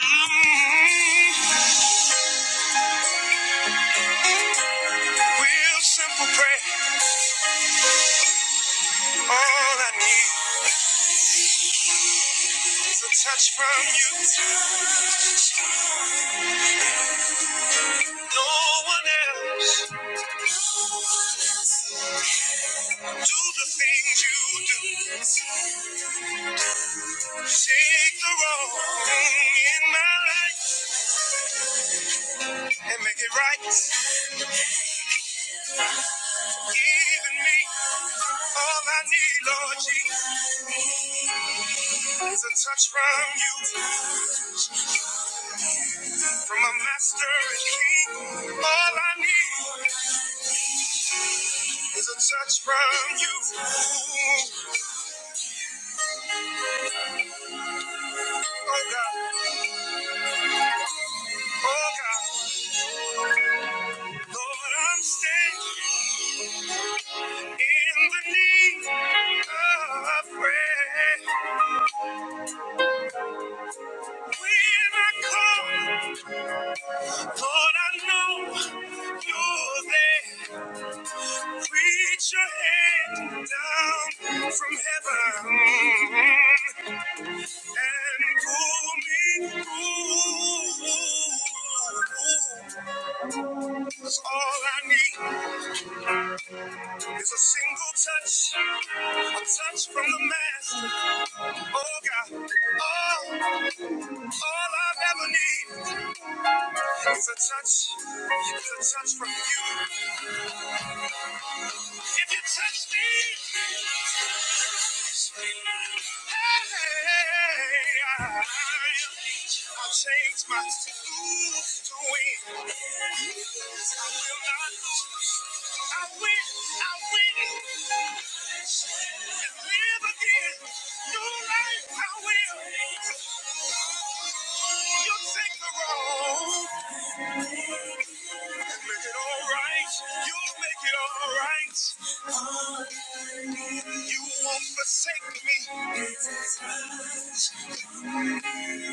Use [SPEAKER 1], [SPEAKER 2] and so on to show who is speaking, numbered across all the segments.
[SPEAKER 1] Real simple prayer. All I need is a touch from you. No one else. Do the things you do. Take the wrong in my life and make it right. Even me. All I need, Lord Jesus, is a touch from you. From a master and king. All I need is a touch from you. Oh God, oh God, Lord, I'm standing. In the need of prayer, when I call, Lord, I know you're there. Reach your hand down from heaven and pull me through. 'Cause All I need is a single touch, a touch from the Master. Oh God, all, all I've ever needed. It's a touch. It's a touch from you. If you touch me, hey, I'll change my mood to win. I will not lose. I win. I win. And live again. New life. I will. You'll take the road. and Make it all right. You'll make it all right. You won't forsake me.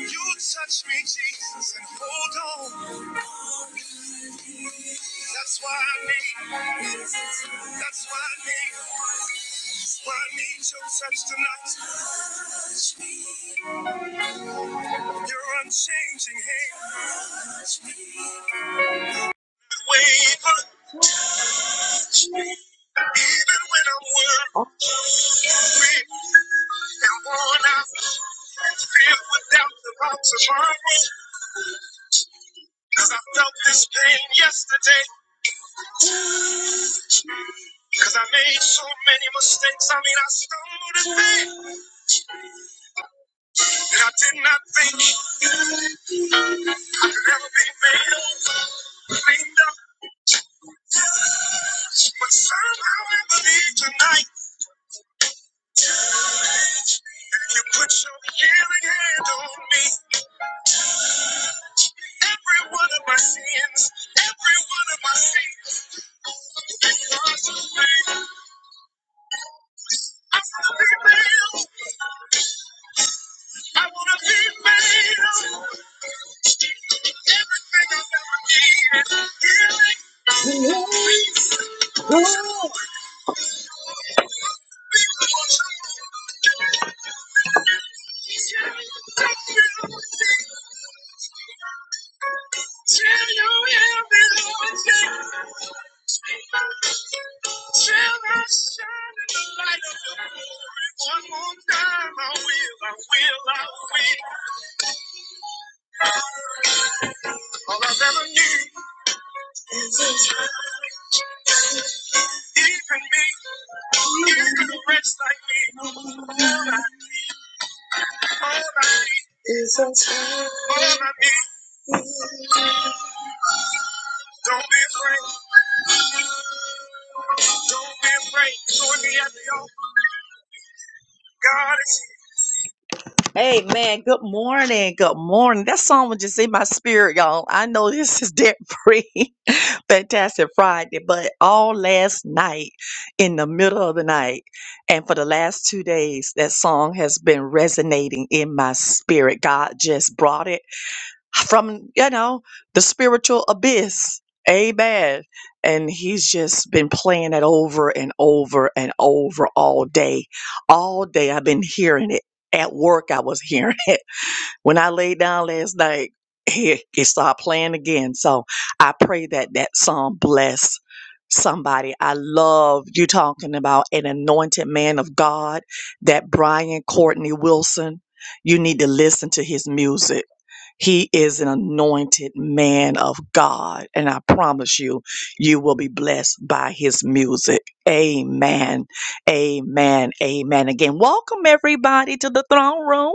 [SPEAKER 1] You touch me, Jesus, and hold on. That's why I need, that's why I need, that's why I need your touch tonight. Your unchanging hand. Waver, even when I'm worried and worn out. And filled with doubt about tomorrow. Cause I felt this pain yesterday. Cause I made so many mistakes. I mean, I stumbled and fell. And I did not think I could ever be made over, cleaned up. But somehow I believe tonight that you put your healing hand on me. Every one of my sins, every one of my sins was away. I wanna be made, I wanna be made. Everything I've ever needed, healing. Please, Lord. Take me away. Don't be afraid. Don't be afraid. Join me at the altar. God is Hey man, good morning. Good morning. That song was just in my spirit, y'all. I know this is debt free, fantastic Friday, but all last night, in the middle of the night, and for the last two days, that song has been resonating in my spirit. God just brought it from, you know, the spiritual abyss. Amen. And he's just been playing it over and over and over all day. All day I've been hearing it at work I was hearing When I laid down last night, it started playing again. So I pray that that song bless somebody. I love you talking about an anointed man of God, that Brian Courtney Wilson. You need to listen to his music. He is an anointed man of God, and I promise you, you will be blessed by his music. Amen. Amen. Amen. Again, welcome everybody to the throne room.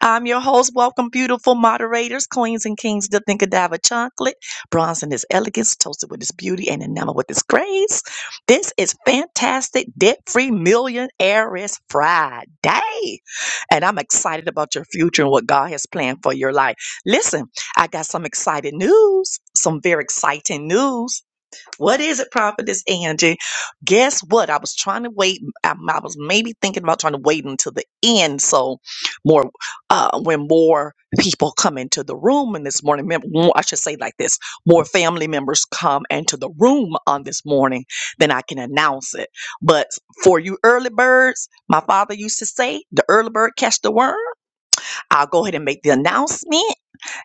[SPEAKER 1] I'm your host. Welcome, beautiful moderators, queens and kings, the think Godiva chocolate, bronze in his elegance, toasted with his beauty, and enamored with his grace. This is fantastic debt free millionaires Friday. And I'm excited about your future and what God has planned for your life. Listen, I got some exciting news, some very exciting news. What is it, Prophetess Angie? Guess what? I was trying to wait. I, I was maybe thinking about trying to wait until the end, so more uh, when more people come into the room. And this morning, mem- more- I should say like this: more family members come into the room on this morning, then I can announce it. But for you early birds, my father used to say, "The early bird catch the worm." I'll go ahead and make the announcement,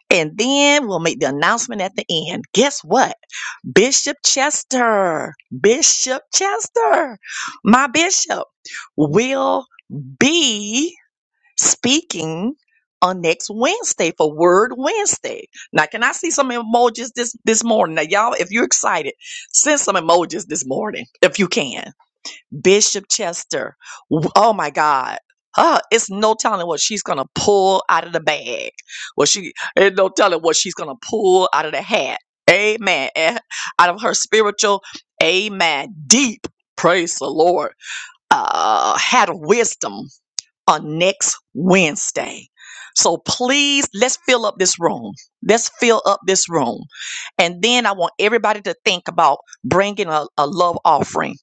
[SPEAKER 1] and then we'll make the announcement at the end. Guess what? Bishop Chester, Bishop Chester, my bishop, will be speaking on next Wednesday for Word Wednesday. Now, can I see some emojis this this morning? Now, y'all, if you're excited, send some emojis this morning if you can. Bishop Chester. w- Oh my God. Uh, it's no telling what she's gonna pull out of the bag. Well, she ain't no telling what she's gonna pull out of the hat. Amen. Eh, Out of her spiritual, amen. Deep, praise the Lord. Uh, had wisdom on next Wednesday. So please, let's fill up this room. Let's fill up this room. And then I want everybody to think about bringing a, a love offering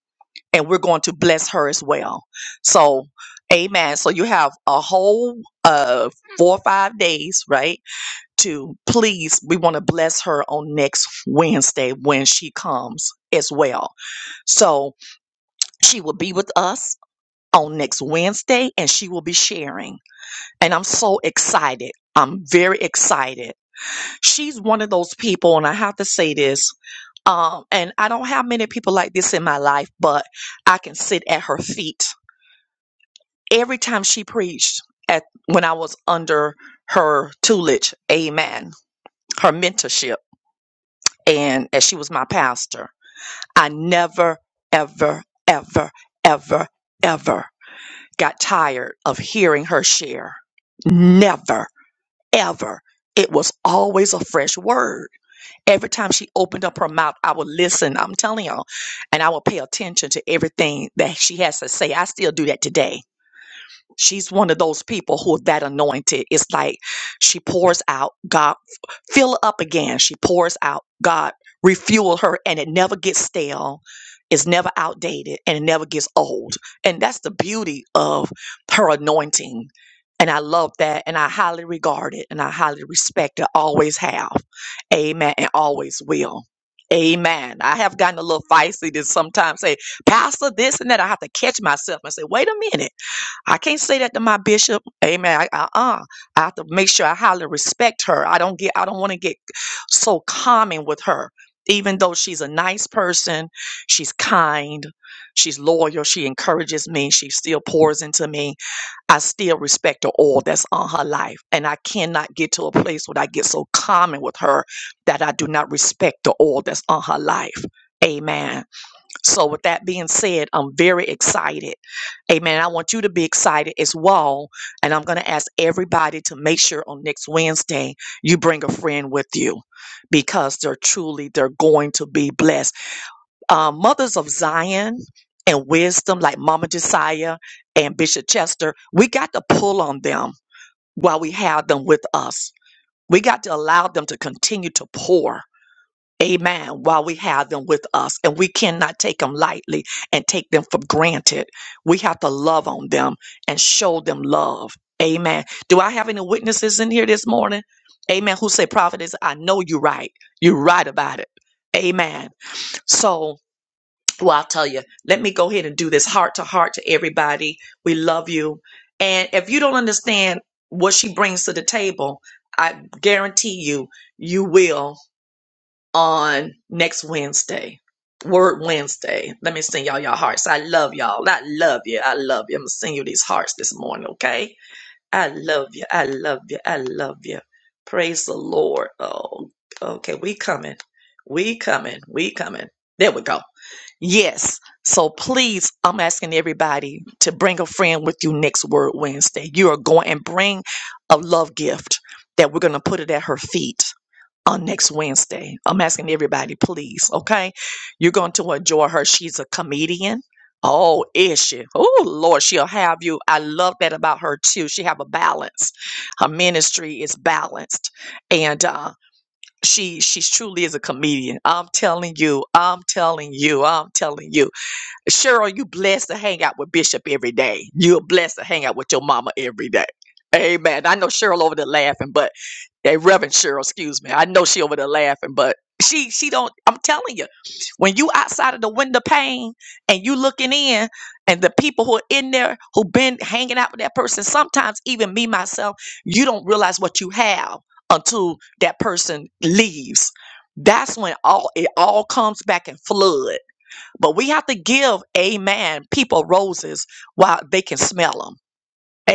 [SPEAKER 1] and we're going to bless her as well. So, amen. So you have a whole uh four or five days, right? To please, we want to bless her on next Wednesday when she comes as well. So she will be with us on next Wednesday and she will be sharing. And I'm so excited. I'm very excited. She's one of those people, and I have to say this. Um, and I don't have many people like this in my life, but I can sit at her feet every time she preached at when I was under her tutelage, amen, her mentorship, and as she was my pastor, I never, ever, ever, ever, ever got tired of hearing her share. Never, ever. It was always a fresh word. Every time she opened up her mouth, I would listen. I'm telling y'all, and I would pay attention to everything that she has to say. I still do that today She's one of those people who that anointed. It's like she pours out, God fill her up again. She pours out, God refuel her, and it never gets stale. It's never outdated and it never gets old. And that's the beauty of her anointing. And I love that. And I highly regard it and I highly respect it. Always have. Amen. And always will. Amen. I have gotten a little feisty to sometimes say, Pastor, this and that. I have to catch myself and say, wait a minute I can't say that to my bishop. Amen. I, uh-uh. I have to make sure I highly respect her. I don't get. I don't want to get so common with her. Even though she's a nice person, she's kind, she's loyal, she encourages me, she still pours into me. I still respect the all that's on her life. And I cannot get to a place where I get so common with her that I do not respect the all that's on her life. Amen. So, with that being said, I'm very excited. Amen. I want you to be excited as well. And I'm going to ask everybody to make sure on next Wednesday you bring a friend with you because they're truly, they're going to be blessed. Uh, Mothers of Zion and wisdom, like Mama Josiah and Bishop Chester, we got to pull on them while we have them with us. We got to allow them to continue to pour Amen. While we have them with us, and we cannot take them lightly and take them for granted. We have to love on them and show them love. Amen. Do I have any witnesses in here this morning? Amen. Who say, Prophetess, I know you're right. You're right about it. Amen. So, well, I'll tell you, let me go ahead and do this heart to heart to everybody. We love you. And if you don't understand what she brings to the table, I guarantee you, you will on next Wednesday. Word Wednesday. Let me send y'all y'all hearts. I love y'all. I love you. I love you. I'm gonna send you these hearts this morning, okay? I love you. I love you. I love you. Praise the Lord. Oh, okay. We coming. We coming. We coming. There we go. Yes. So please, I'm asking everybody to bring a friend with you next Word Wednesday. You are going and bring a love gift that we're gonna put it at her feet on next Wednesday. I'm asking everybody, please, okay? You're going to enjoy her. She's a comedian. Oh, is she? Oh, Lord, she'll have you. I love that about her too. She have a balance. Her ministry is balanced, and uh, she she truly is a comedian. I'm telling you. I'm telling you. I'm telling you. Cheryl, you blessed to hang out with Bishop every day. You're blessed to hang out with your mama every day. Amen. I know Cheryl over there laughing, but that Reverend Cheryl, excuse me. I know she over there laughing, but she she don't. I'm telling you, when you outside of the window pane and you looking in, and the people who are in there who been hanging out with that person, sometimes even me myself, you don't realize what you have until that person leaves. That's when all it all comes back and floods but we have to give, amen, people roses while they can smell them.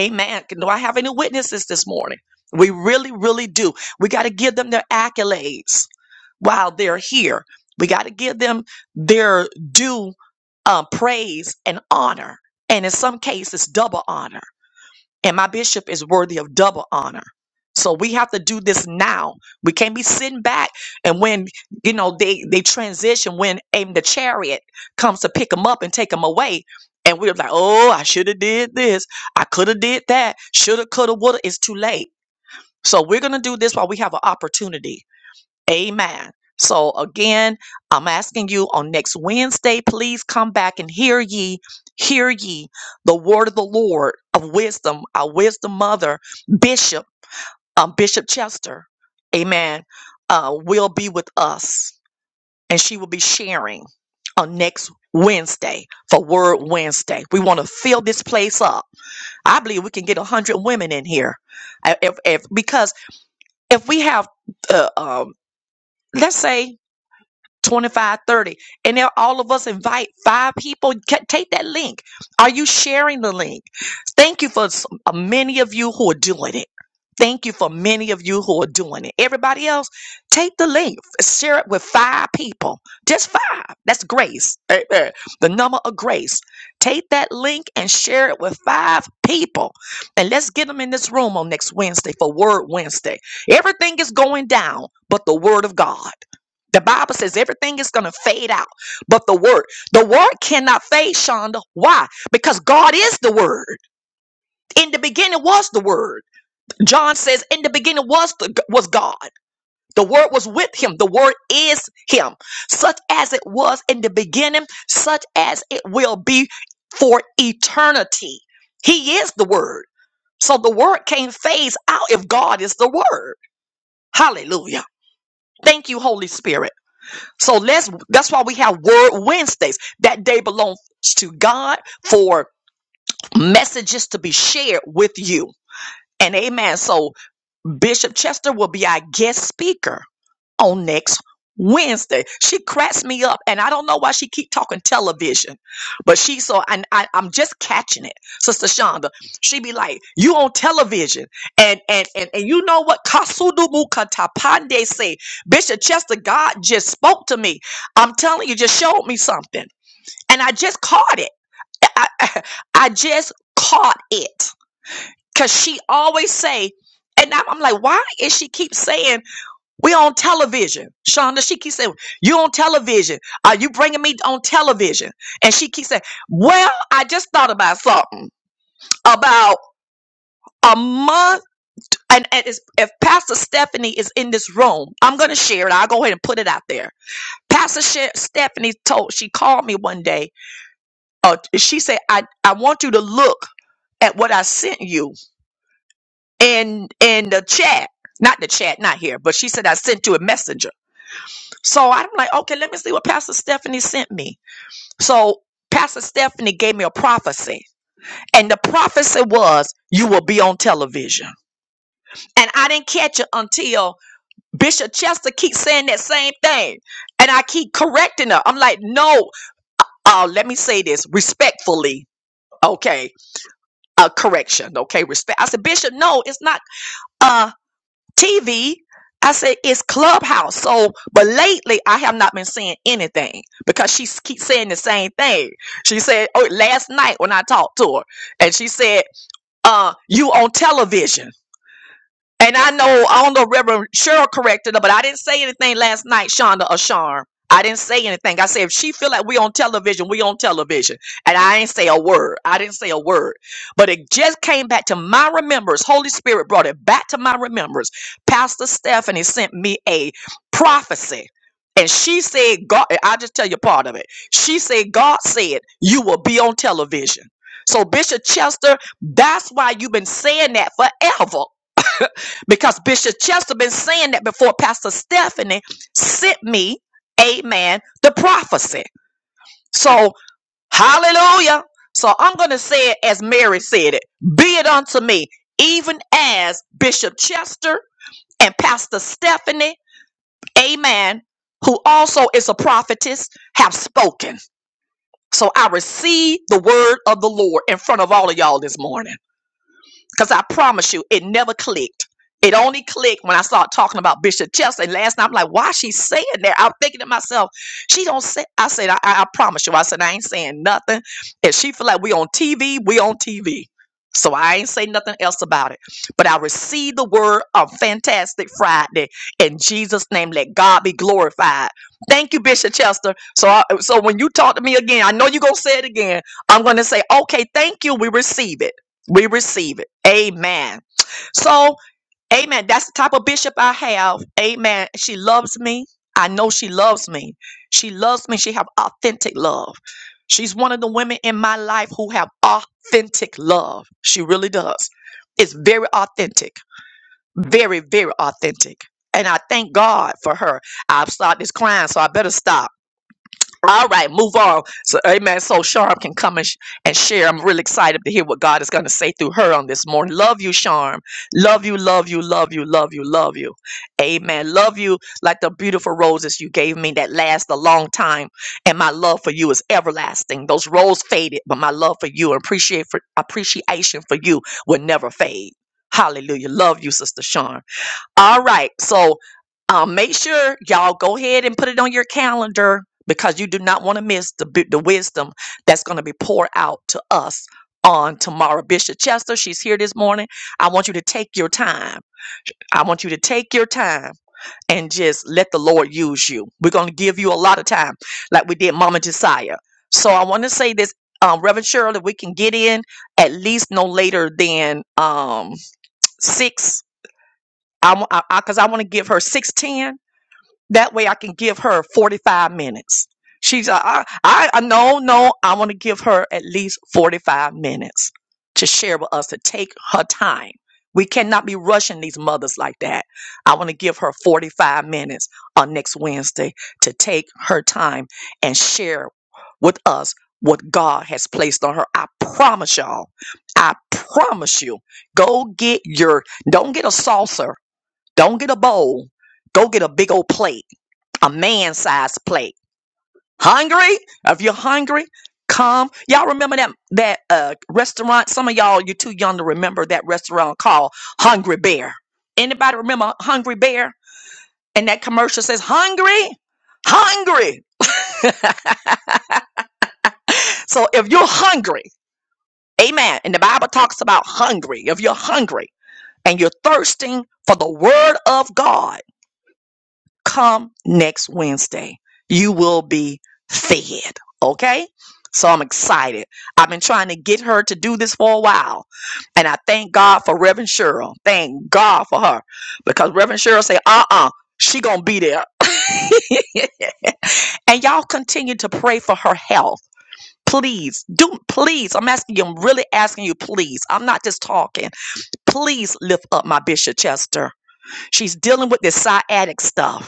[SPEAKER 1] Amen. Do I have any witnesses this morning? We really, really do. We got to give them their accolades while they're here. We got to give them their due uh, praise and honor. And in some cases, double honor and my bishop is worthy of double honor. So we have to do this now. We can't be sitting back and when you know they they transition when aim the chariot comes to pick them up and take them away, and we're like, oh, I should have did this, I could have did that, shoulda, coulda, woulda. It's too late. So we're gonna do this while we have an opportunity. Amen. So again, I'm asking you on next Wednesday, please come back and hear ye, hear ye the word of the Lord of wisdom, our wisdom mother, Bishop, um, Bishop Chester. Amen. Uh, will be with us and she will be sharing on next Wednesday for Word Wednesday. We want to fill this place up. I believe we can get 100 women in here. Uh, If, if, because if we have, uh, um, let's say 25, 30, and there all of us invite five people Ca- take that link are you sharing the link thank you for s- uh, many of you who are doing it thank you for many of you who are doing it everybody else take the link share it with five people just five that's grace right there the number of grace take that link and share it with five people and let's get them in this room on next wednesday for word wednesday everything is going down but the word of god the Bible says everything is going to fade out, but the word, the word cannot fade, Shonda. Why? Because God is the word. In the beginning was the word. John says, in the beginning was the, was God. The word was with him. The word is him. Such as it was in the beginning, such as it will be for eternity. He is the word. So the word can't phase out if God is the word. Hallelujah. Thank you, Holy Spirit. So let's that's why we have Word Wednesdays. That day belongs to God for messages to be shared with you. And amen. So Bishop Chester will be our guest speaker on next Wednesday. She cracks me up, and I don't know why she keep talking television, but she so and I, I'm just catching it, Sister Shonda. She be like, "You on television?" And and and and you know what Kasudubu Katapande say, Bishop Chester? God just spoke to me. I'm telling you, just showed me something, and I just caught it. I, I, I just caught it because she always say. And I'm I'm like, why is she keep saying? We on television. Shonda, she keeps saying, You on television. Are you bringing me on television? And she keeps saying, Well, I just thought about something about a month. And, and it's, if Pastor Stephanie is in this room, I'm going to share it. I'll go ahead and put it out there. Pastor She- Stephanie told, she called me one day. Uh, she said, I, I want you to look at what I sent you in, in the chat. Not the chat, not here, but she said, I sent you a messenger. So I'm like, okay, let me see what Pastor Stephanie sent me. So Pastor Stephanie gave me a prophecy, and the prophecy was, you will be on television. And I didn't catch it until Bishop Chester keeps saying that same thing. And I keep correcting her. I'm like, no, uh, let me say this respectfully. Okay, uh, correction. Okay, respect. I said, Bishop, no, it's not. Uh, TV. I said it's Clubhouse. So, but lately I have not been seeing anything because she s- keeps saying the same thing. She said, "Oh, last night when I talked to her, and she said, uh, you on television." And I know I don't know Reverend Cheryl corrected her, but I didn't say anything last night, Shonda or Sharm. I didn't say anything. I said if she feel like we on television, we on television. And I ain't say a word. I didn't say a word. But it just came back to my remembrance. Holy Spirit brought it back to my remembrance. Pastor Stephanie sent me a prophecy. And she said, God, I'll just tell you part of it. She said, God said, you will be on television. So, Bishop Chester, that's why you've been saying that forever because Bishop Chester been saying that before Pastor Stephanie sent me, amen, the prophecy. So hallelujah. So I'm gonna say it as Mary said it, be it unto me, even as Bishop Chester and Pastor Stephanie, amen, who also is a prophetess, have spoken. So I receive the word of the Lord in front of all of y'all this morning. Because I promise you, it never clicked. It only clicked when I started talking about Bishop Chester. And last night, I'm like, why is she saying that? I'm thinking to myself, she don't say. I said, I, I I promise you. I said, I ain't saying nothing. If she feel like we on TV, we on TV. So I ain't say nothing else about it. But I received the word of fantastic Friday in Jesus' name. Let God be glorified. Thank you, Bishop Chester. So, I, so when you talk to me again, I know you're gonna say it again. I'm gonna say, okay, thank you. We receive it. We receive it. Amen. So, amen. That's the type of bishop I have. Amen. She loves me. I know she loves me. She loves me. She have authentic love. She's one of the women in my life who have authentic love. She really does. It's very authentic. Very, very authentic. And I thank God for her. I've started this crying, so I better stop. All right, move on. So, amen. So Sharm can come and, sh- and share. I'm really excited to hear what God is going to say through her on this morning. Love you, Sharm. Love you, love you, love you, love you, love you. Amen. Love you like the beautiful roses you gave me that last a long time. And my love for you is everlasting. Those roses faded, but my love for you and appreciate for, appreciation for you will never fade. Hallelujah. Love you, Sister Sharm. All right. So um, make sure y'all go ahead and put it on your calendar because you do not want to miss the, bi- the wisdom that's going to be poured out to us on tomorrow. Bishop Chester, she's here this morning. I want you to take your time. I want you to take your time and just let the Lord use you. We're going to give you a lot of time, like we did Mama Josiah. So I want to say this, um, Reverend Shirley, we can get in at least no later than um, 6 I want I, I, cause I want to give her 610. That way I can give her 45 minutes. She's uh, I, I I- no no I want to give her at least 45 minutes to share with us to take her time. We cannot be rushing these mothers like that. I want to give her 45 minutes on next Wednesday to take her time and share with us what God has placed on her. I promise y'all. I promise you. Go get your don't get a saucer don't get a bowl. Go get a big old plate, a man sized plate. Hungry? If you're hungry, come. Y'all remember that that uh, restaurant? Some of y'all, you're too young to remember that restaurant called Hungry Bear. Anybody remember Hungry Bear? And that commercial says, "Hungry, hungry." so if you're hungry, Amen. And the Bible talks about hungry. If you're hungry and you're thirsting for the Word of God. come next Wednesday. You will be fed. Okay. So I'm excited. I've been trying to get her to do this for a while. And I thank God for Reverend Cheryl. Thank God for her. Because Reverend Cheryl say, uh-uh, she gonna be there. and y'all continue to pray for her health. Please, do please. I'm asking you, I'm really asking you, please. I'm not just talking. Please lift up my Bishop Chester. She's dealing with this sciatic stuff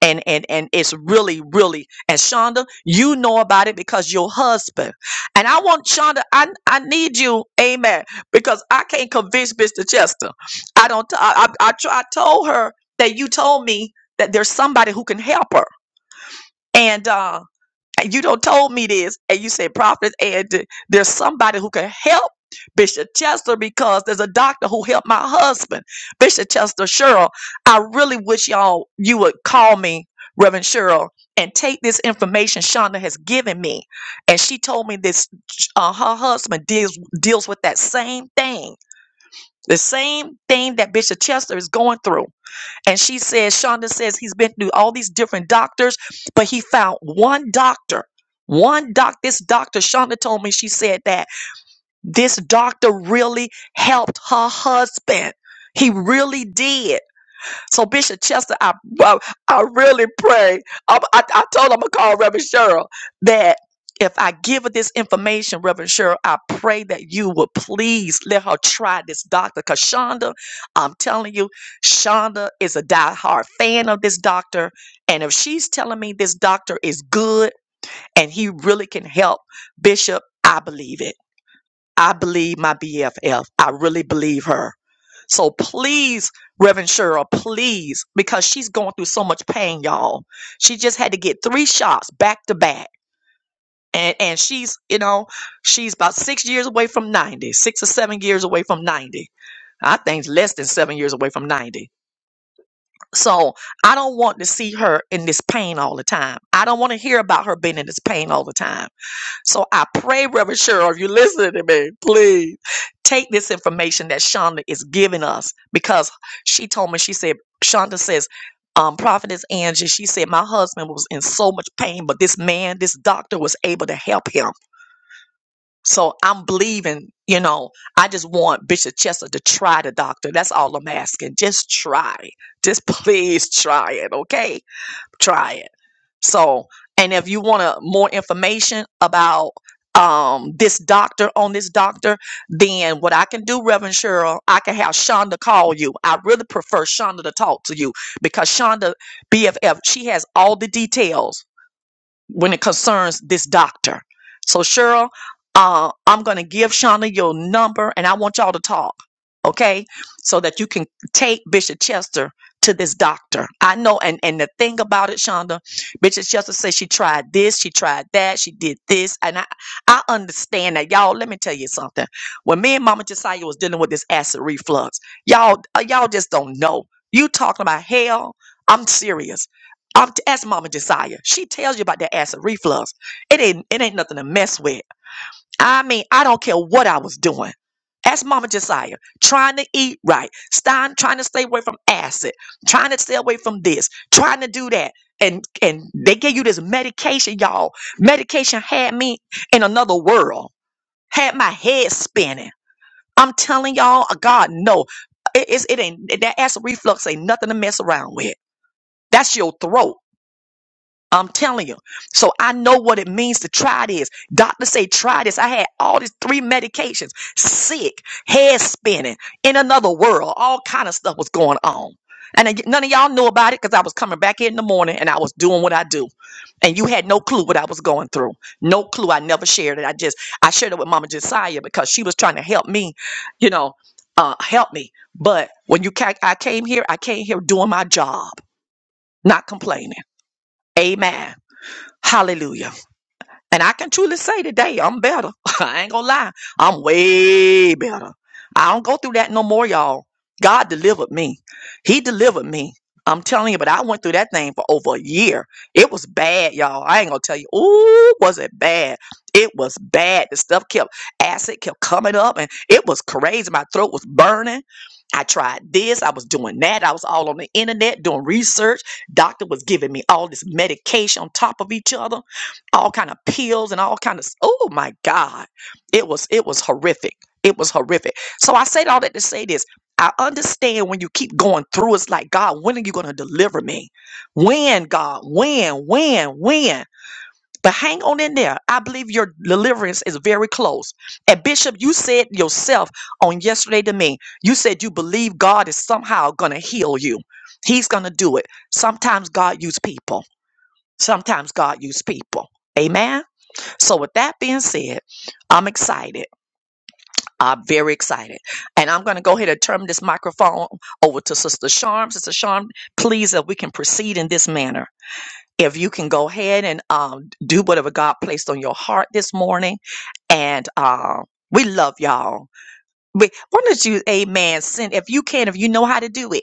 [SPEAKER 1] and and and it's really really and shonda you know about it because your husband and i want shonda i i need you amen because i can't convince mr chester i don't i i, I, tr- I told her that you told me that there's somebody who can help her and uh and you don't told me this, and you said prophets, and th- there's somebody who can help Bishop Chester because there's a doctor who helped my husband, Bishop Chester Sherrill. I really wish y'all you would call me, Reverend Sherrill, and take this information Shonda has given me, and she told me this. Uh, her husband deals deals with that same thing, the same thing that Bishop Chester is going through and she says, Shonda says he's been through all these different doctors, but he found one doctor. One doc, this doctor, Shonda told me, she said that this doctor really helped her husband. He really did. So Bishop Chester, I I, I really pray. I, I, I told him I'm gonna call Reverend Cheryl that if I give her this information, Reverend Cheryl, I pray that you would please let her try this doctor. Cause Shonda, I'm telling you, Shonda is a diehard fan of this doctor, and if she's telling me this doctor is good and he really can help Bishop, I believe it. I believe my BFF. I really believe her. So please, Reverend Cheryl, please, because she's going through so much pain, y'all. She just had to get three shots back to back. And, and she's, you know, she's about six years away from ninety, six or seven years away from 90. I think less than seven years away from 90. So I don't want to see her in this pain all the time. I don't want to hear about her being in this pain all the time. So I pray, Reverend Cheryl, if you're listening to me, please take this information that Shonda is giving us because she told me, she said, Shonda says, um, Prophetess Angie, she said, my husband was in so much pain, but this man, this doctor was able to help him. So I'm believing, you know, I just want Bishop Chester to try the doctor. That's all I'm asking. Just try. Just please try it, okay? Try it. So, and if you want to more information about um this doctor on this doctor, then what I can do, Reverend Cheryl, I can have Shonda call you. I really prefer Shonda to talk to you because Shonda BFF, she has all the details when it concerns this doctor. So, Cheryl, uh, I'm going to give Shauna your number and I want y'all to talk, okay? So that you can take Bishop Chester to this doctor. I know, and, and the thing about it, Shonda, Bishop Chester says she tried this, she tried that, she did this, and I, I understand that. Y'all, let me tell you something. When me and Mama Josiah was dealing with this acid reflux, y'all, uh, y'all just don't know. You talking about hell? I'm serious I'm to ask Mama Josiah. She tells you about that acid reflux. It ain't it ain't nothing to mess with. I mean, I don't care what I was doing. Ask Mama Josiah, trying to eat right, Stein trying to stay away from acid, trying to stay away from this, trying to do that. And and they give you this medication, y'all. Medication had me in another world, had my head spinning. I'm telling y'all, uh, God, no. It, it's- it ain't that acid reflux ain't nothing to mess around with. That's your throat. I'm telling you. So I know what it means to try this. Doctor say try this. I had all these three medications, sick, head spinning, in another world. All kind of stuff was going on. And I- none of y'all knew about it because I was coming back in the morning and I was doing what I do. And you had no clue what I was going through. No clue. I never shared it. I just, I shared it with Mama Josiah because she was trying to help me, you know, uh, help me. But when you, ca- I came here, I came here doing my job, not complaining. Amen. Hallelujah. And I can truly say today, I'm better. I ain't gonna lie. I'm way better. I don't go through that no more, y'all. God delivered me. He delivered me. I'm telling you, but I went through that thing for over a year. It was bad, y'all. I ain't gonna tell you. Ooh, was it bad? It was bad. The stuff kept, acid kept coming up and it was crazy. My throat was burning. I tried this. I was doing that. I was all on the internet doing research. Doctor was giving me all this medication on top of each other all kind of pills and all kind of oh my god it was it was horrific it was horrific so i said all that to say this i understand when you keep going through it's like god when are you going to deliver me when god when when when but hang on in there i believe your deliverance is very close and bishop you said yourself on yesterday to me you said you believe god is somehow going to heal you he's going to do it sometimes god use people sometimes god use people amen so, with that being said, I'm excited. I'm very excited. And I'm going to go ahead and turn this microphone over to Sister Sharm. Sister Sharm, please, if we can proceed in this manner. If you can go ahead and um, do whatever God placed on your heart this morning. And uh, we love y'all. We, why don't you, amen, send, if you can, if you know how to do it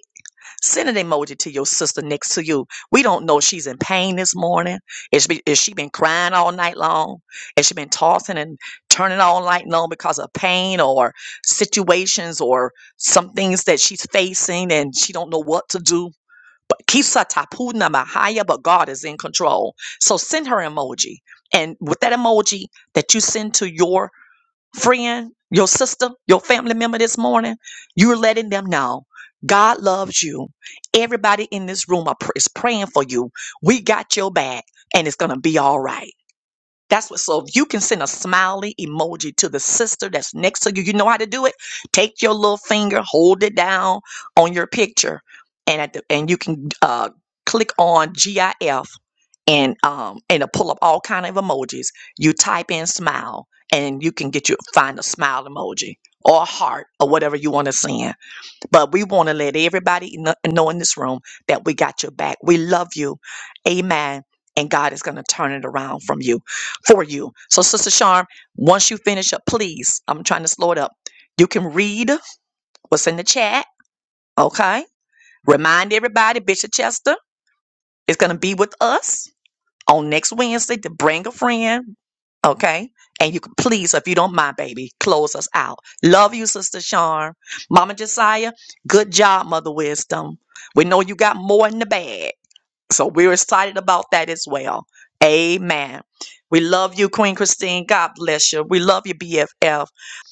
[SPEAKER 1] Send an emoji to your sister next to you. We don't know if she's in pain this morning. Is she, is she been crying all night long? Has she been tossing and turning all night long because of pain or situations or some things that she's facing and she don't know what to do? But Kisa Tapuna Mahaya, but God is in control. So send her emoji. And with that emoji that you send to your friend, your sister, your family member this morning, you're letting them know God loves you. Everybody in this room are pr- is praying for you. We got your back and it's going to be all right. That's what, so if you can send a smiley emoji to the sister that's next to you, you know how to do it. Take your little finger, hold it down on your picture, and at the, and you can uh, click on GIF and um and it'll pull up all kind of emojis. You type in smile and you can get you find a smile emoji or a heart or whatever you want to send. But we want to let everybody kno- know in this room that we got your back. We love you. Amen. And God is going to turn it around from you for you. So Sister Charm, once you finish up, please, I'm trying to slow it up. You can read what's in the chat, okay? Remind everybody Bishop Chester is going to be with us on next Wednesday to bring a friend. Okay. And you can please, if you don't mind, baby, close us out. Love you, Sister Charm. Mama Josiah, good job, Mother Wisdom. We know you got more in the bag. So we're excited about that as well. Amen. We love you, Queen Christine. God bless you. We love you, BFF.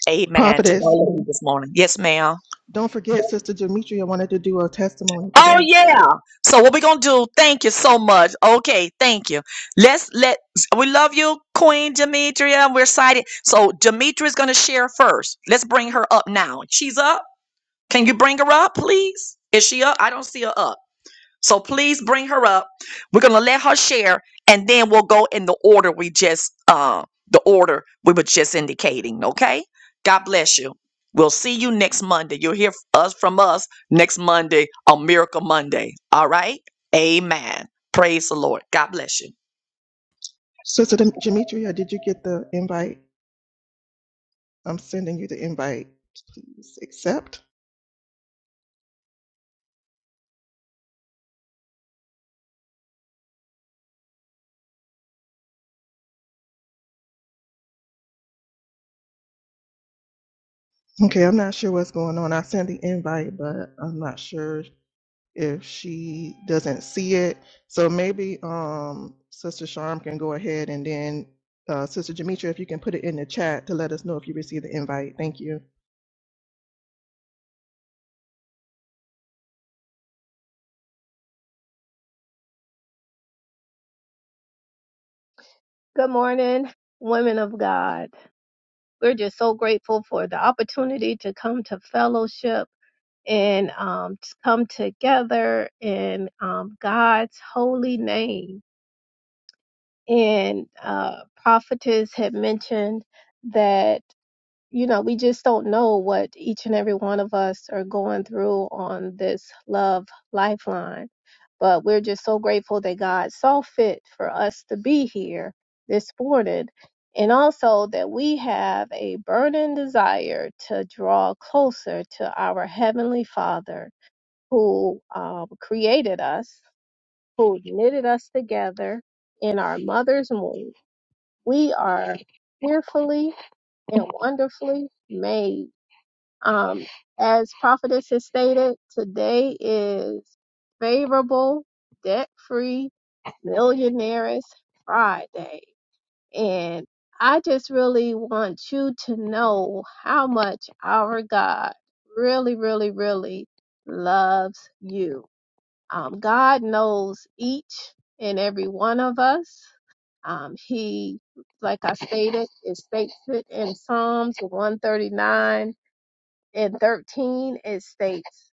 [SPEAKER 1] Amen to
[SPEAKER 2] Prophetess,
[SPEAKER 1] all of you this morning. Yes, ma'am.
[SPEAKER 2] don't forget Sister Demetria wanted to do a testimony
[SPEAKER 1] Oh
[SPEAKER 2] today.
[SPEAKER 1] yeah. So what we're gonna do, thank you so much. Okay, thank you. Let's let we love you, Queen Demetria. We're excited. So Demetria is gonna share first. Let's bring her up now. She's up. Can you bring her up, please? Is she up? I don't see her up. So please bring her up. We're gonna let her share, and then we'll go in the order we just uh the order we were just indicating. Okay. God bless you. We'll see you next Monday. You'll hear us from us next Monday on Miracle Monday. All right. Amen. Praise the Lord. God bless you.
[SPEAKER 2] Sister Dem- Demetria, did you get the invite? I'm sending you the invite. Please accept. Okay, I'm not sure what's going on. I sent the invite, but I'm not sure if she doesn't see it. So maybe um, Sister Sharm can go ahead and then uh, Sister Demetria, if you can put it in the chat to let us know if you received the invite. Thank you.
[SPEAKER 3] Good morning, women of God. We're just so grateful for the opportunity to come to fellowship and um, to come together in um, God's holy name. And uh, prophetess had mentioned that you know, we just don't know what each and every one of us are going through on this love lifeline. But we're just so grateful that God saw fit for us to be here this morning. And also that we have a burning desire to draw closer to our Heavenly Father who um, created us, who knitted us together in our mother's womb. We are fearfully and wonderfully made um, as prophetess has stated, today is favorable, debt-free, millionaires Friday. And I just really want you to know how much our God really, really, really loves you. Um, God knows each and every one of us. Um, he, like I stated, it states it in Psalms 139 in 13 it states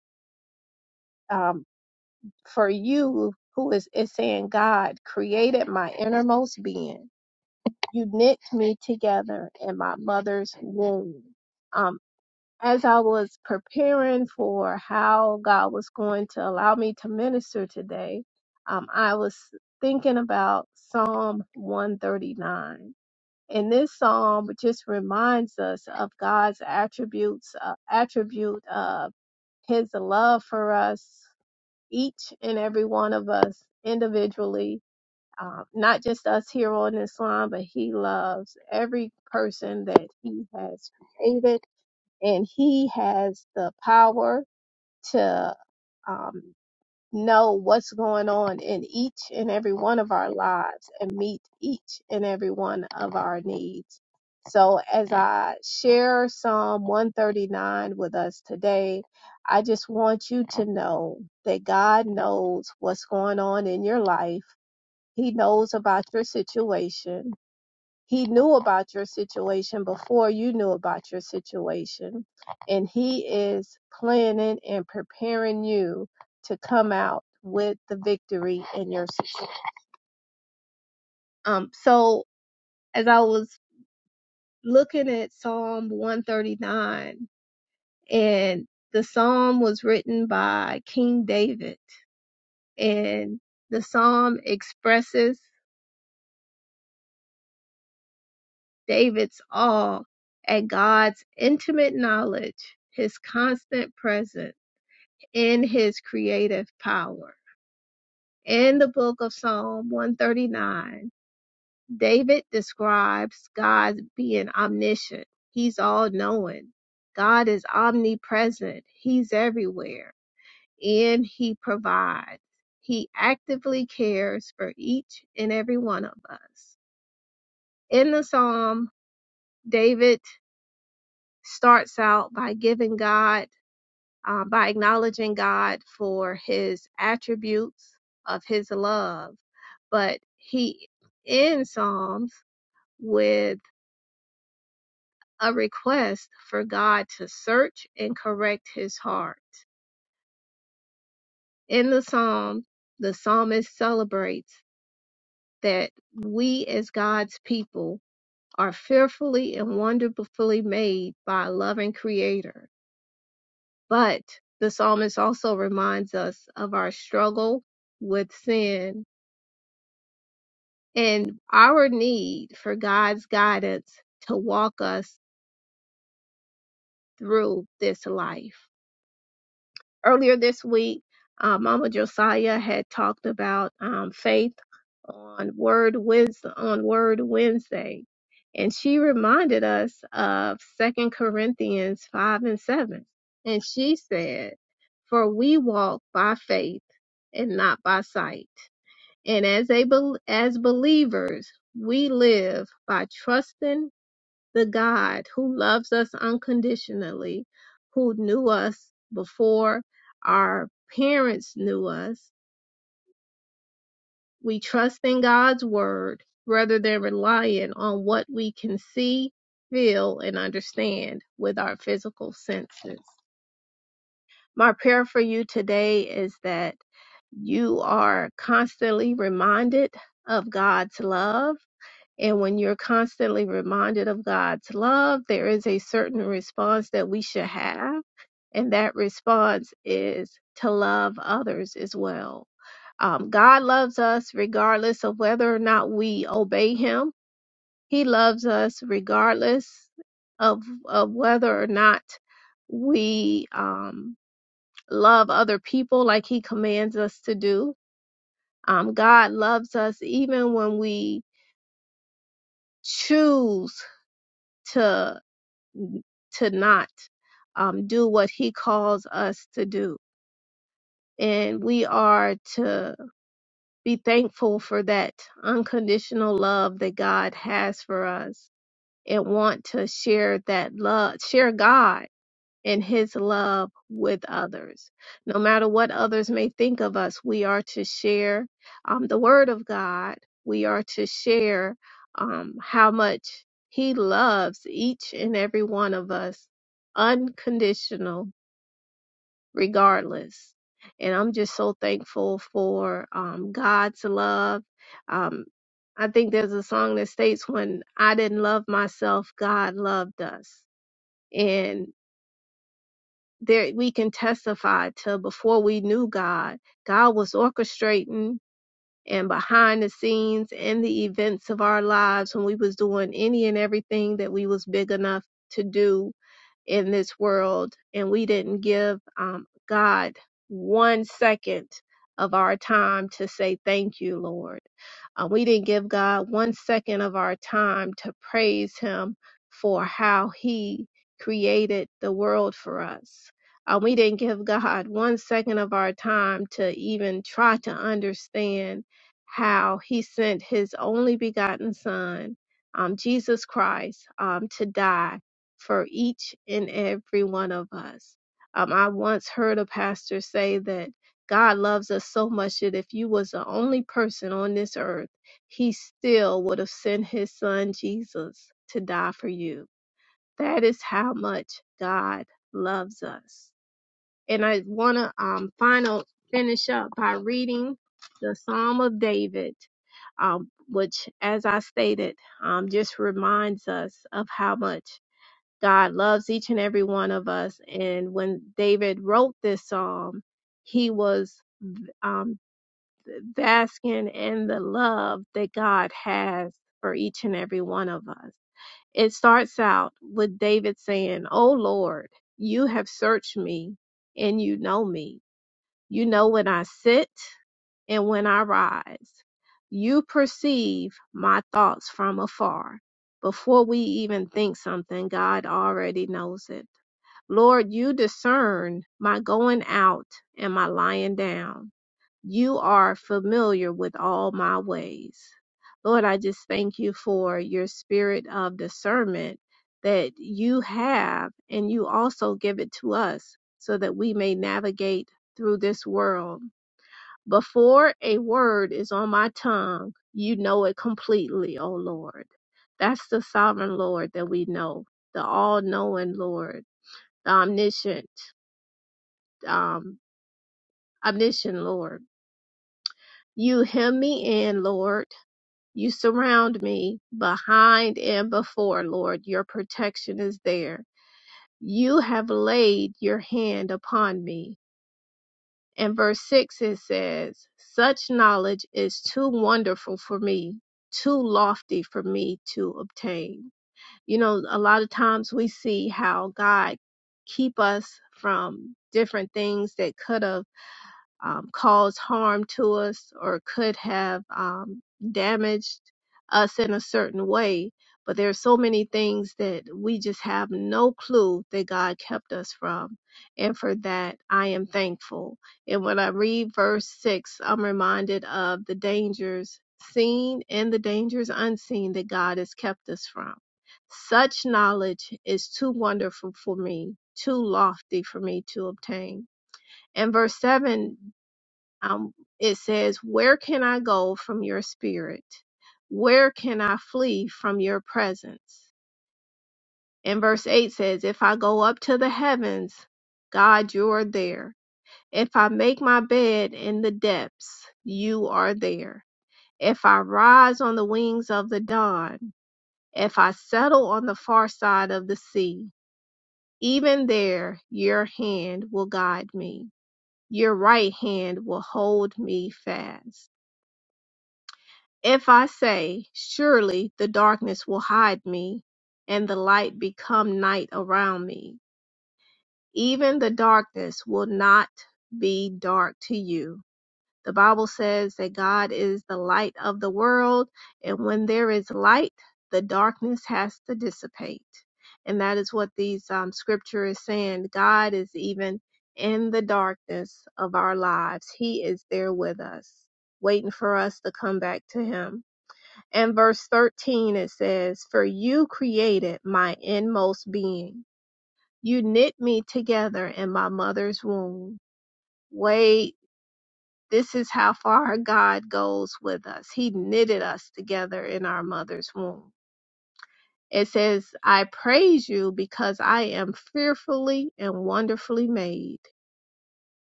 [SPEAKER 3] um, for you who is is saying god created my innermost being you knit me together in my mother's womb um, as i was preparing for how god was going to allow me to minister today um, i was thinking about psalm 139 and this psalm just reminds us of god's attributes uh, attribute of his love for us, each and every one of us individually, um, not just us here on this line, but he loves every person that he has created and he has the power to um, know what's going on in each and every one of our lives and meet each and every one of our needs. So, as I share Psalm 139 with us today, I just want you to know that God knows what's going on in your life. He knows about your situation. He knew about your situation before you knew about your situation, and He is planning and preparing you to come out with the victory in your situation. Um, so as I was looking at Psalm 139, and the psalm was written by King David, and the psalm expresses David's awe at God's intimate knowledge, his constant presence in his creative power. In the book of Psalm 139, David describes God being omniscient. He's all knowing. God is omnipresent. He's everywhere. And he provides. He actively cares for each and every one of us. In the Psalm, David starts out by giving God uh, by acknowledging God for his attributes of his love. But he ends Psalms with a request for God to search and correct his heart. In the psalm, the psalmist celebrates that we as God's people are fearfully and wonderfully made by a loving creator. But the psalmist also reminds us of our struggle with sin and our need for God's guidance to walk us through this life. Earlier this week, uh, Mama Josiah had talked about um, faith on Word Wisdom on Word Wednesday, and she reminded us of Second Corinthians five and seven, and she said, "For we walk by faith and not by sight." And as a bel as believers, we live by trusting the God who loves us unconditionally, who knew us before our parents knew us. We trust in God's word rather than relying on what we can see, feel, and understand with our physical senses. My prayer for you today is that you are constantly reminded of God's love And when you're constantly reminded of God's love, there is a certain response that we should have. And that response is to love others as well. Um, God loves us regardless of whether or not we obey Him. He loves us regardless of, of whether or not we um, love other people like He commands us to do. Um, God loves us even when we choose to to not um, do what he calls us to do. And we are to be thankful for that unconditional love that God has for us and want to share that love, share God and his love with others. No matter what others may think of us, we are to share um, the word of God. We are to share um, how much he loves each and every one of us, unconditional, regardless. And I'm just so thankful for um, God's love. Um, I think there's a song that states, When I didn't love myself, God loved us. And there we can testify to before we knew God, God was orchestrating and behind the scenes in the events of our lives when we was doing any and everything that we was big enough to do in this world and we didn't give um, God one second of our time to say thank you, Lord. Uh, we didn't give God one second of our time to praise Him for how He created the world for us. Uh, we didn't give God one second of our time to even try to understand how He sent His only begotten Son, um, Jesus Christ, um, to die for each and every one of us. Um, I once heard a pastor say that God loves us so much that if you was the only person on this earth, he still would have sent his son Jesus to die for you. That is how much God loves us. And I want to um, final finish up by reading the Psalm of David, um, which, as I stated, um, just reminds us of how much God loves each and every one of us. And when David wrote this psalm, he was um, basking in the love that God has for each and every one of us. It starts out with David saying, Oh Lord, you have searched me and you know me. You know when I sit and when I rise. You perceive my thoughts from afar. Before we even think something, God already knows it. Lord, you discern my going out and my lying down. You are familiar with all my ways. Lord, I just thank you for your spirit of discernment that you have, and you also give it to us so that we may navigate through this world. Before a word is on my tongue, you know it completely, O Lord. That's the sovereign Lord that we know, the all knowing Lord the omniscient um, omniscient Lord. You hem me in, Lord. You surround me behind and before, Lord. Your protection is there. You have laid your hand upon me. And verse 6 it says, Such knowledge is too wonderful for me, too lofty for me to obtain. You know, a lot of times we see how God keep us from different things that could have um, caused harm to us or could have um, damaged us in a certain way. But there are so many things that we just have no clue that God kept us from. And for that, I am thankful. And when I read verse 6, I'm reminded of the dangers seen and the dangers unseen that God has kept us from. Such knowledge is too wonderful for me, too lofty for me to obtain. And verse 7 um, it says, Where can I go from your spirit? Where can I flee from your presence? And verse 8 says, If I go up to the heavens, God, you are there. If I make my bed in the depths, you are there. If I rise on the wings of the dawn, if I settle on the far side of the sea, even there your hand will guide me. Your right hand will hold me fast. If I say, Surely the darkness will hide me, and the light become night around me, even the darkness will not be dark to you. The Bible says that God is the light of the world, and when there is light, the darkness has to dissipate. And that is what these um, scripture is saying. God is even in the darkness of our lives. He is there with us, waiting for us to come back to Him. And verse 13 it says, For you created my inmost being. You knit me together in my mother's womb. Wait, this is how far God goes with us. He knitted us together in our mother's womb. It says, I praise you because I am fearfully and wonderfully made.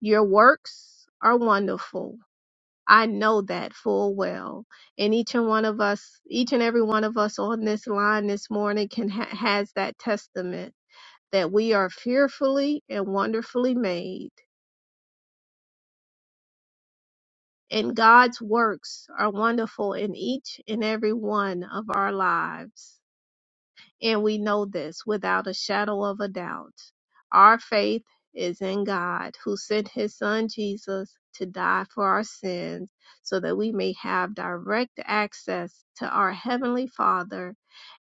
[SPEAKER 3] Your works are wonderful. I know that full well. And each and one of us, each and every one of us on this line this morning can ha- has that testament that we are fearfully and wonderfully made. And God's works are wonderful in each and every one of our lives. And we know this without a shadow of a doubt. Our faith is in God who sent his son Jesus to die for our sins so that we may have direct access to our heavenly Father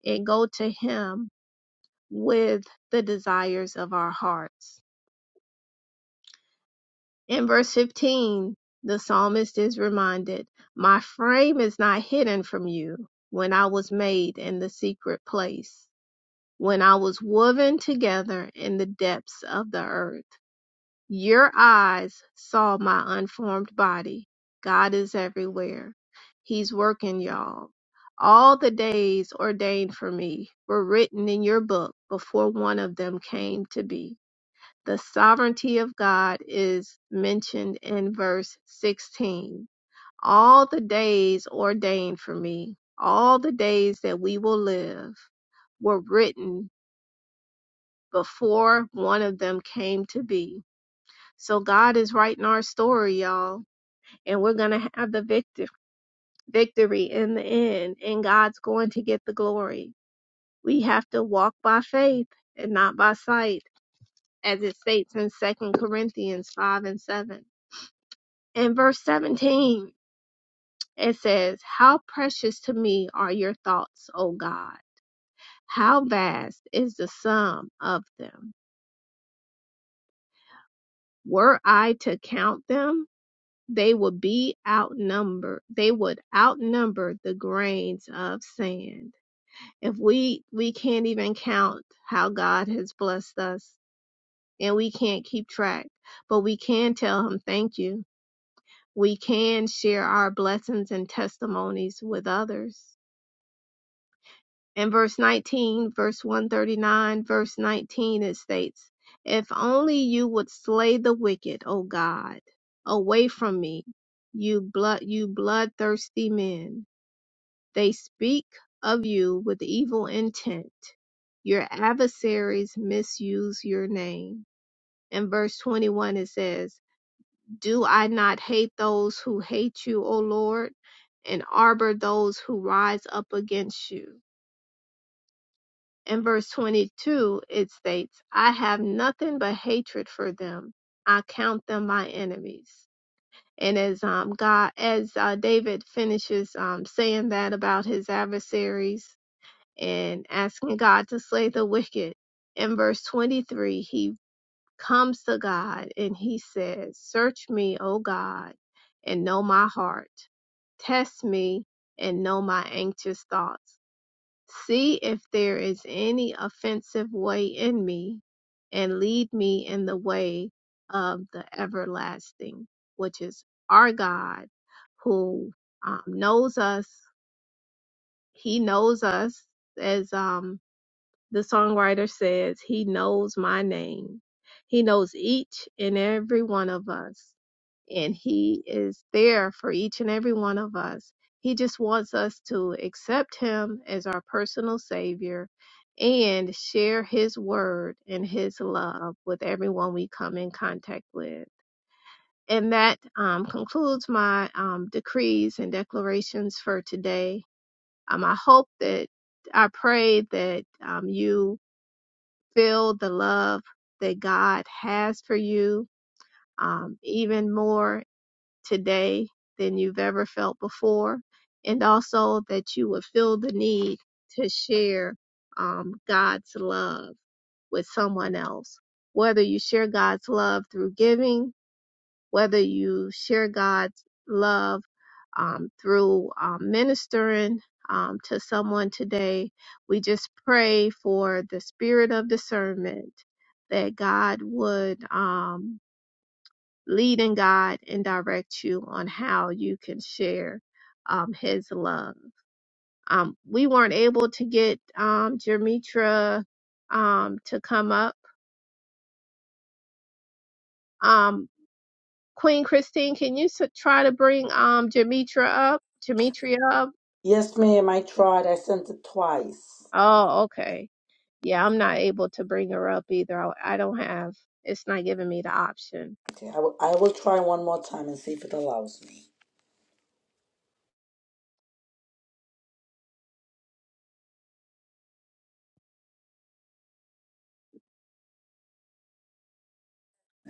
[SPEAKER 3] and go to him with the desires of our hearts. In verse 15, the psalmist is reminded, My frame is not hidden from you when I was made in the secret place. When I was woven together in the depths of the earth, your eyes saw my unformed body. God is everywhere. He's working, y'all. All the days ordained for me were written in your book before one of them came to be. The sovereignty of God is mentioned in verse 16. All the days ordained for me, all the days that we will live, were written before one of them came to be. So God is writing our story, y'all, and we're going to have the victor- victory in the end, and God's going to get the glory. We have to walk by faith and not by sight, as it states in Second Corinthians 5 and 7. In verse 17, it says, How precious to me are your thoughts, O God! How vast is the sum of them! Were I to count them, They would be outnumbered. They would outnumber the grains of sand. If we we can't even count how God has blessed us and we can't keep track, but we can tell him thank you. We can share our blessings and testimonies with others. in verse 19, verse 139, verse 19, it states, If only you would slay the wicked, O God, away from me, you blood you bloodthirsty men. They speak of you with evil intent. Your adversaries misuse your name. In verse 21, it says, Do I not hate those who hate you, O Lord, and arbor those who rise up against you? In verse 22, it states, I have nothing but hatred for them. I count them my enemies. And as um, God, as uh, David finishes um, saying that about his adversaries and asking God to slay the wicked, in verse 23, he comes to God and he says, Search me, O God, and know my heart. Test me and know my anxious thoughts See if there is any offensive way in me, and lead me in the way of the everlasting, which is our God, who um, knows us. He knows us, as um, the songwriter says, He knows my name. He knows each and every one of us and he is there for each and every one of us. He just wants us to accept him as our personal savior and share his word and his love with everyone we come in contact with. And that um, concludes my um, decrees and declarations for today. Um, I hope that I pray that um, you feel the love that God has for you um, even more today than you've ever felt before, and also that you would feel the need to share um, God's love with someone else. Whether you share God's love through giving, whether you share God's love um, through um, ministering um, to someone today, we just pray for the spirit of discernment that God would. Um, lead and guide and direct you on how you can share um, his love. Um, we weren't able to get um, Jermitra um, to come up. Um, Queen Christine, can you s- try to bring um, Jermitra up? Jermitria up?
[SPEAKER 4] Yes, ma'am. I tried. I sent it twice.
[SPEAKER 3] Oh, okay. Yeah, I'm not able to bring her up either. I I don't have, it's not giving me the option.
[SPEAKER 4] Okay, I will I will try one more time and see if it allows me.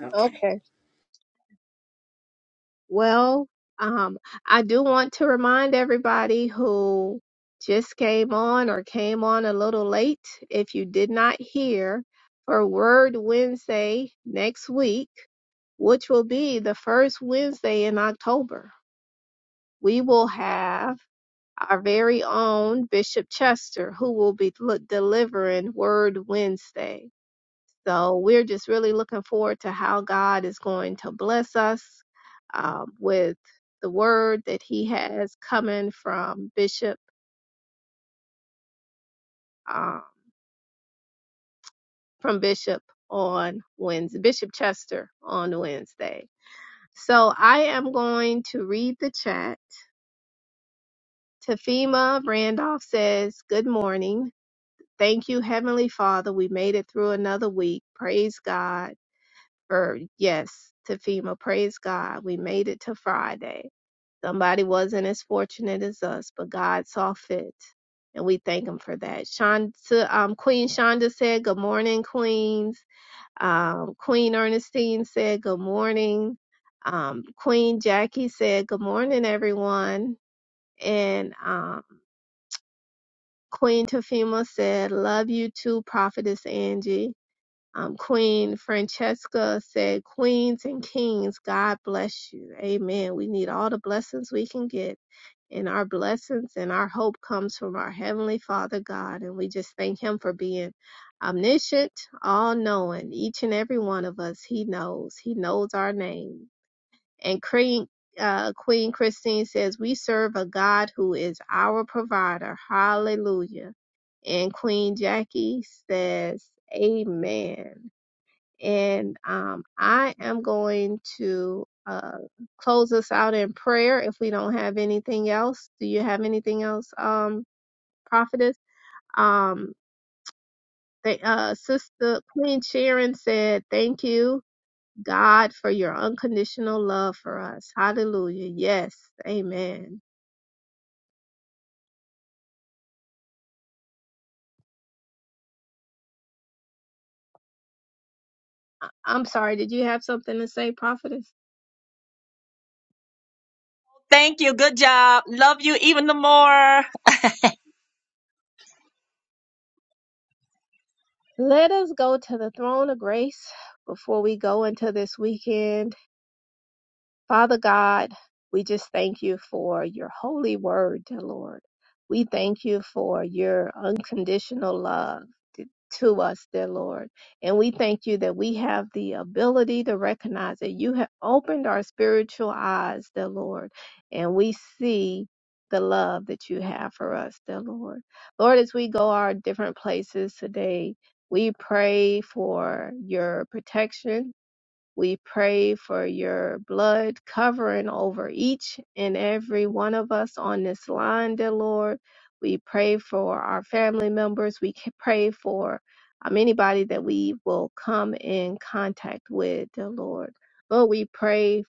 [SPEAKER 4] Okay.
[SPEAKER 3] Okay. Well, um, I do want to remind everybody who just came on or came on a little late, if you did not hear, for Word Wednesday next week, which will be the first Wednesday in October, we will have our very own Bishop Chester who will be l- delivering Word Wednesday. So we're just really looking forward to how God is going to bless us um, with the word that He has coming from Bishop um, from Bishop on Wednesday, Bishop Chester on Wednesday. So I am going to read the chat. Tafima Randolph says, "Good morning. Thank you, Heavenly Father. We made it through another week. Praise God." Or yes, Tafima, praise God. We made it to Friday. Somebody wasn't as fortunate as us, but God saw fit. And we thank him for that. Shonda, um, Queen Shonda said, Good morning, Queens. Um, Queen Ernestine said, Good morning. Um, Queen Jackie said, Good morning, everyone. And um, Queen Tafima said, Love you too, Prophetess Angie. Um, Queen Francesca said, Queens and kings, God bless you. Amen. We need all the blessings we can get. And our blessings and our hope comes from our Heavenly Father God. And we just thank Him for being omniscient, all knowing. Each and every one of us, He knows. He knows our name. And Queen, uh, Queen Christine says, We serve a God who is our provider. Hallelujah. And Queen Jackie says, Amen. And um, I am going to uh, close us out in prayer if we don't have anything else. Do you have anything else, um, prophetess? Um, they, uh, Sister Queen Sharon said, Thank you, God, for your unconditional love for us. Hallelujah. Yes. Amen. I'm sorry, did you have something to say, prophetess?
[SPEAKER 1] Thank you. Good job. Love you even the more.
[SPEAKER 3] Let us go to the throne of grace before we go into this weekend Father God, we just thank you for your holy word, dear Lord. We thank you for your unconditional love t- to us, dear Lord. And we thank you that we have the ability to recognize that you have opened our spiritual eyes, dear Lord, and we see the love that you have for us, dear Lord. Lord, as we go our different places today, we pray for your protection we pray for your blood covering over each and every one of us on this line, dear Lord. We pray for our family members. We ca- pray for um, anybody that we will come in contact with, dear Lord. Lord, we pray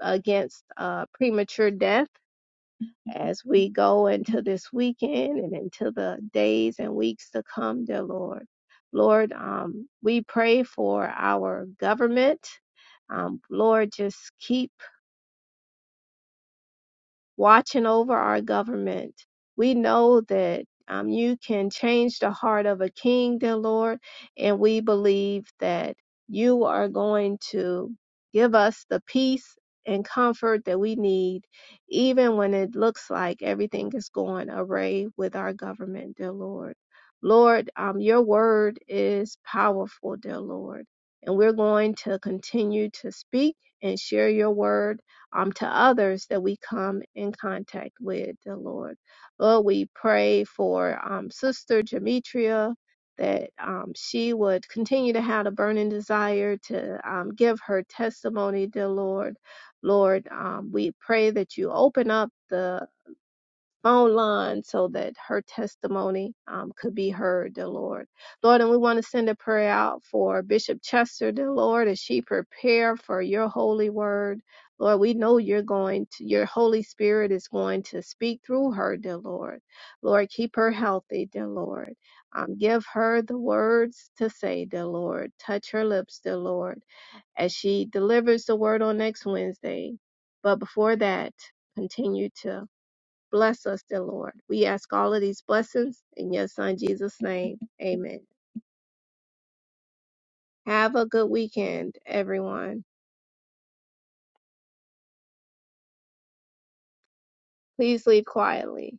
[SPEAKER 3] against uh, premature death as we go into this weekend and into the days and weeks to come, dear Lord. Lord, um, we pray for our government. Um, Lord, just keep watching over our government. We know that um, you can change the heart of a king, dear Lord, and we believe that you are going to give us the peace and comfort that we need, even when it looks like everything is going awry with our government, dear Lord. Lord, um, your word is powerful, dear Lord, and we're going to continue to speak and share your word um, to others that we come in contact with, the Lord. Lord, we pray for um, Sister Demetria that um, she would continue to have a burning desire to um, give her testimony, dear Lord. Lord, um, we pray that you open up the online so that her testimony um, could be heard, dear Lord. Lord, and we want to send a prayer out for Bishop Chester, dear Lord, as she prepare for your holy word. Lord, we know you're going to, your Holy Spirit is going to speak through her, dear Lord. Lord, keep her healthy, dear Lord. Um, give her the words to say, dear Lord. Touch her lips, dear Lord, as she delivers the word on next Wednesday. But before that, continue to Bless us, dear Lord. We ask all of these blessings in your Son Jesus' name. Amen. Have a good weekend, everyone. Please leave quietly.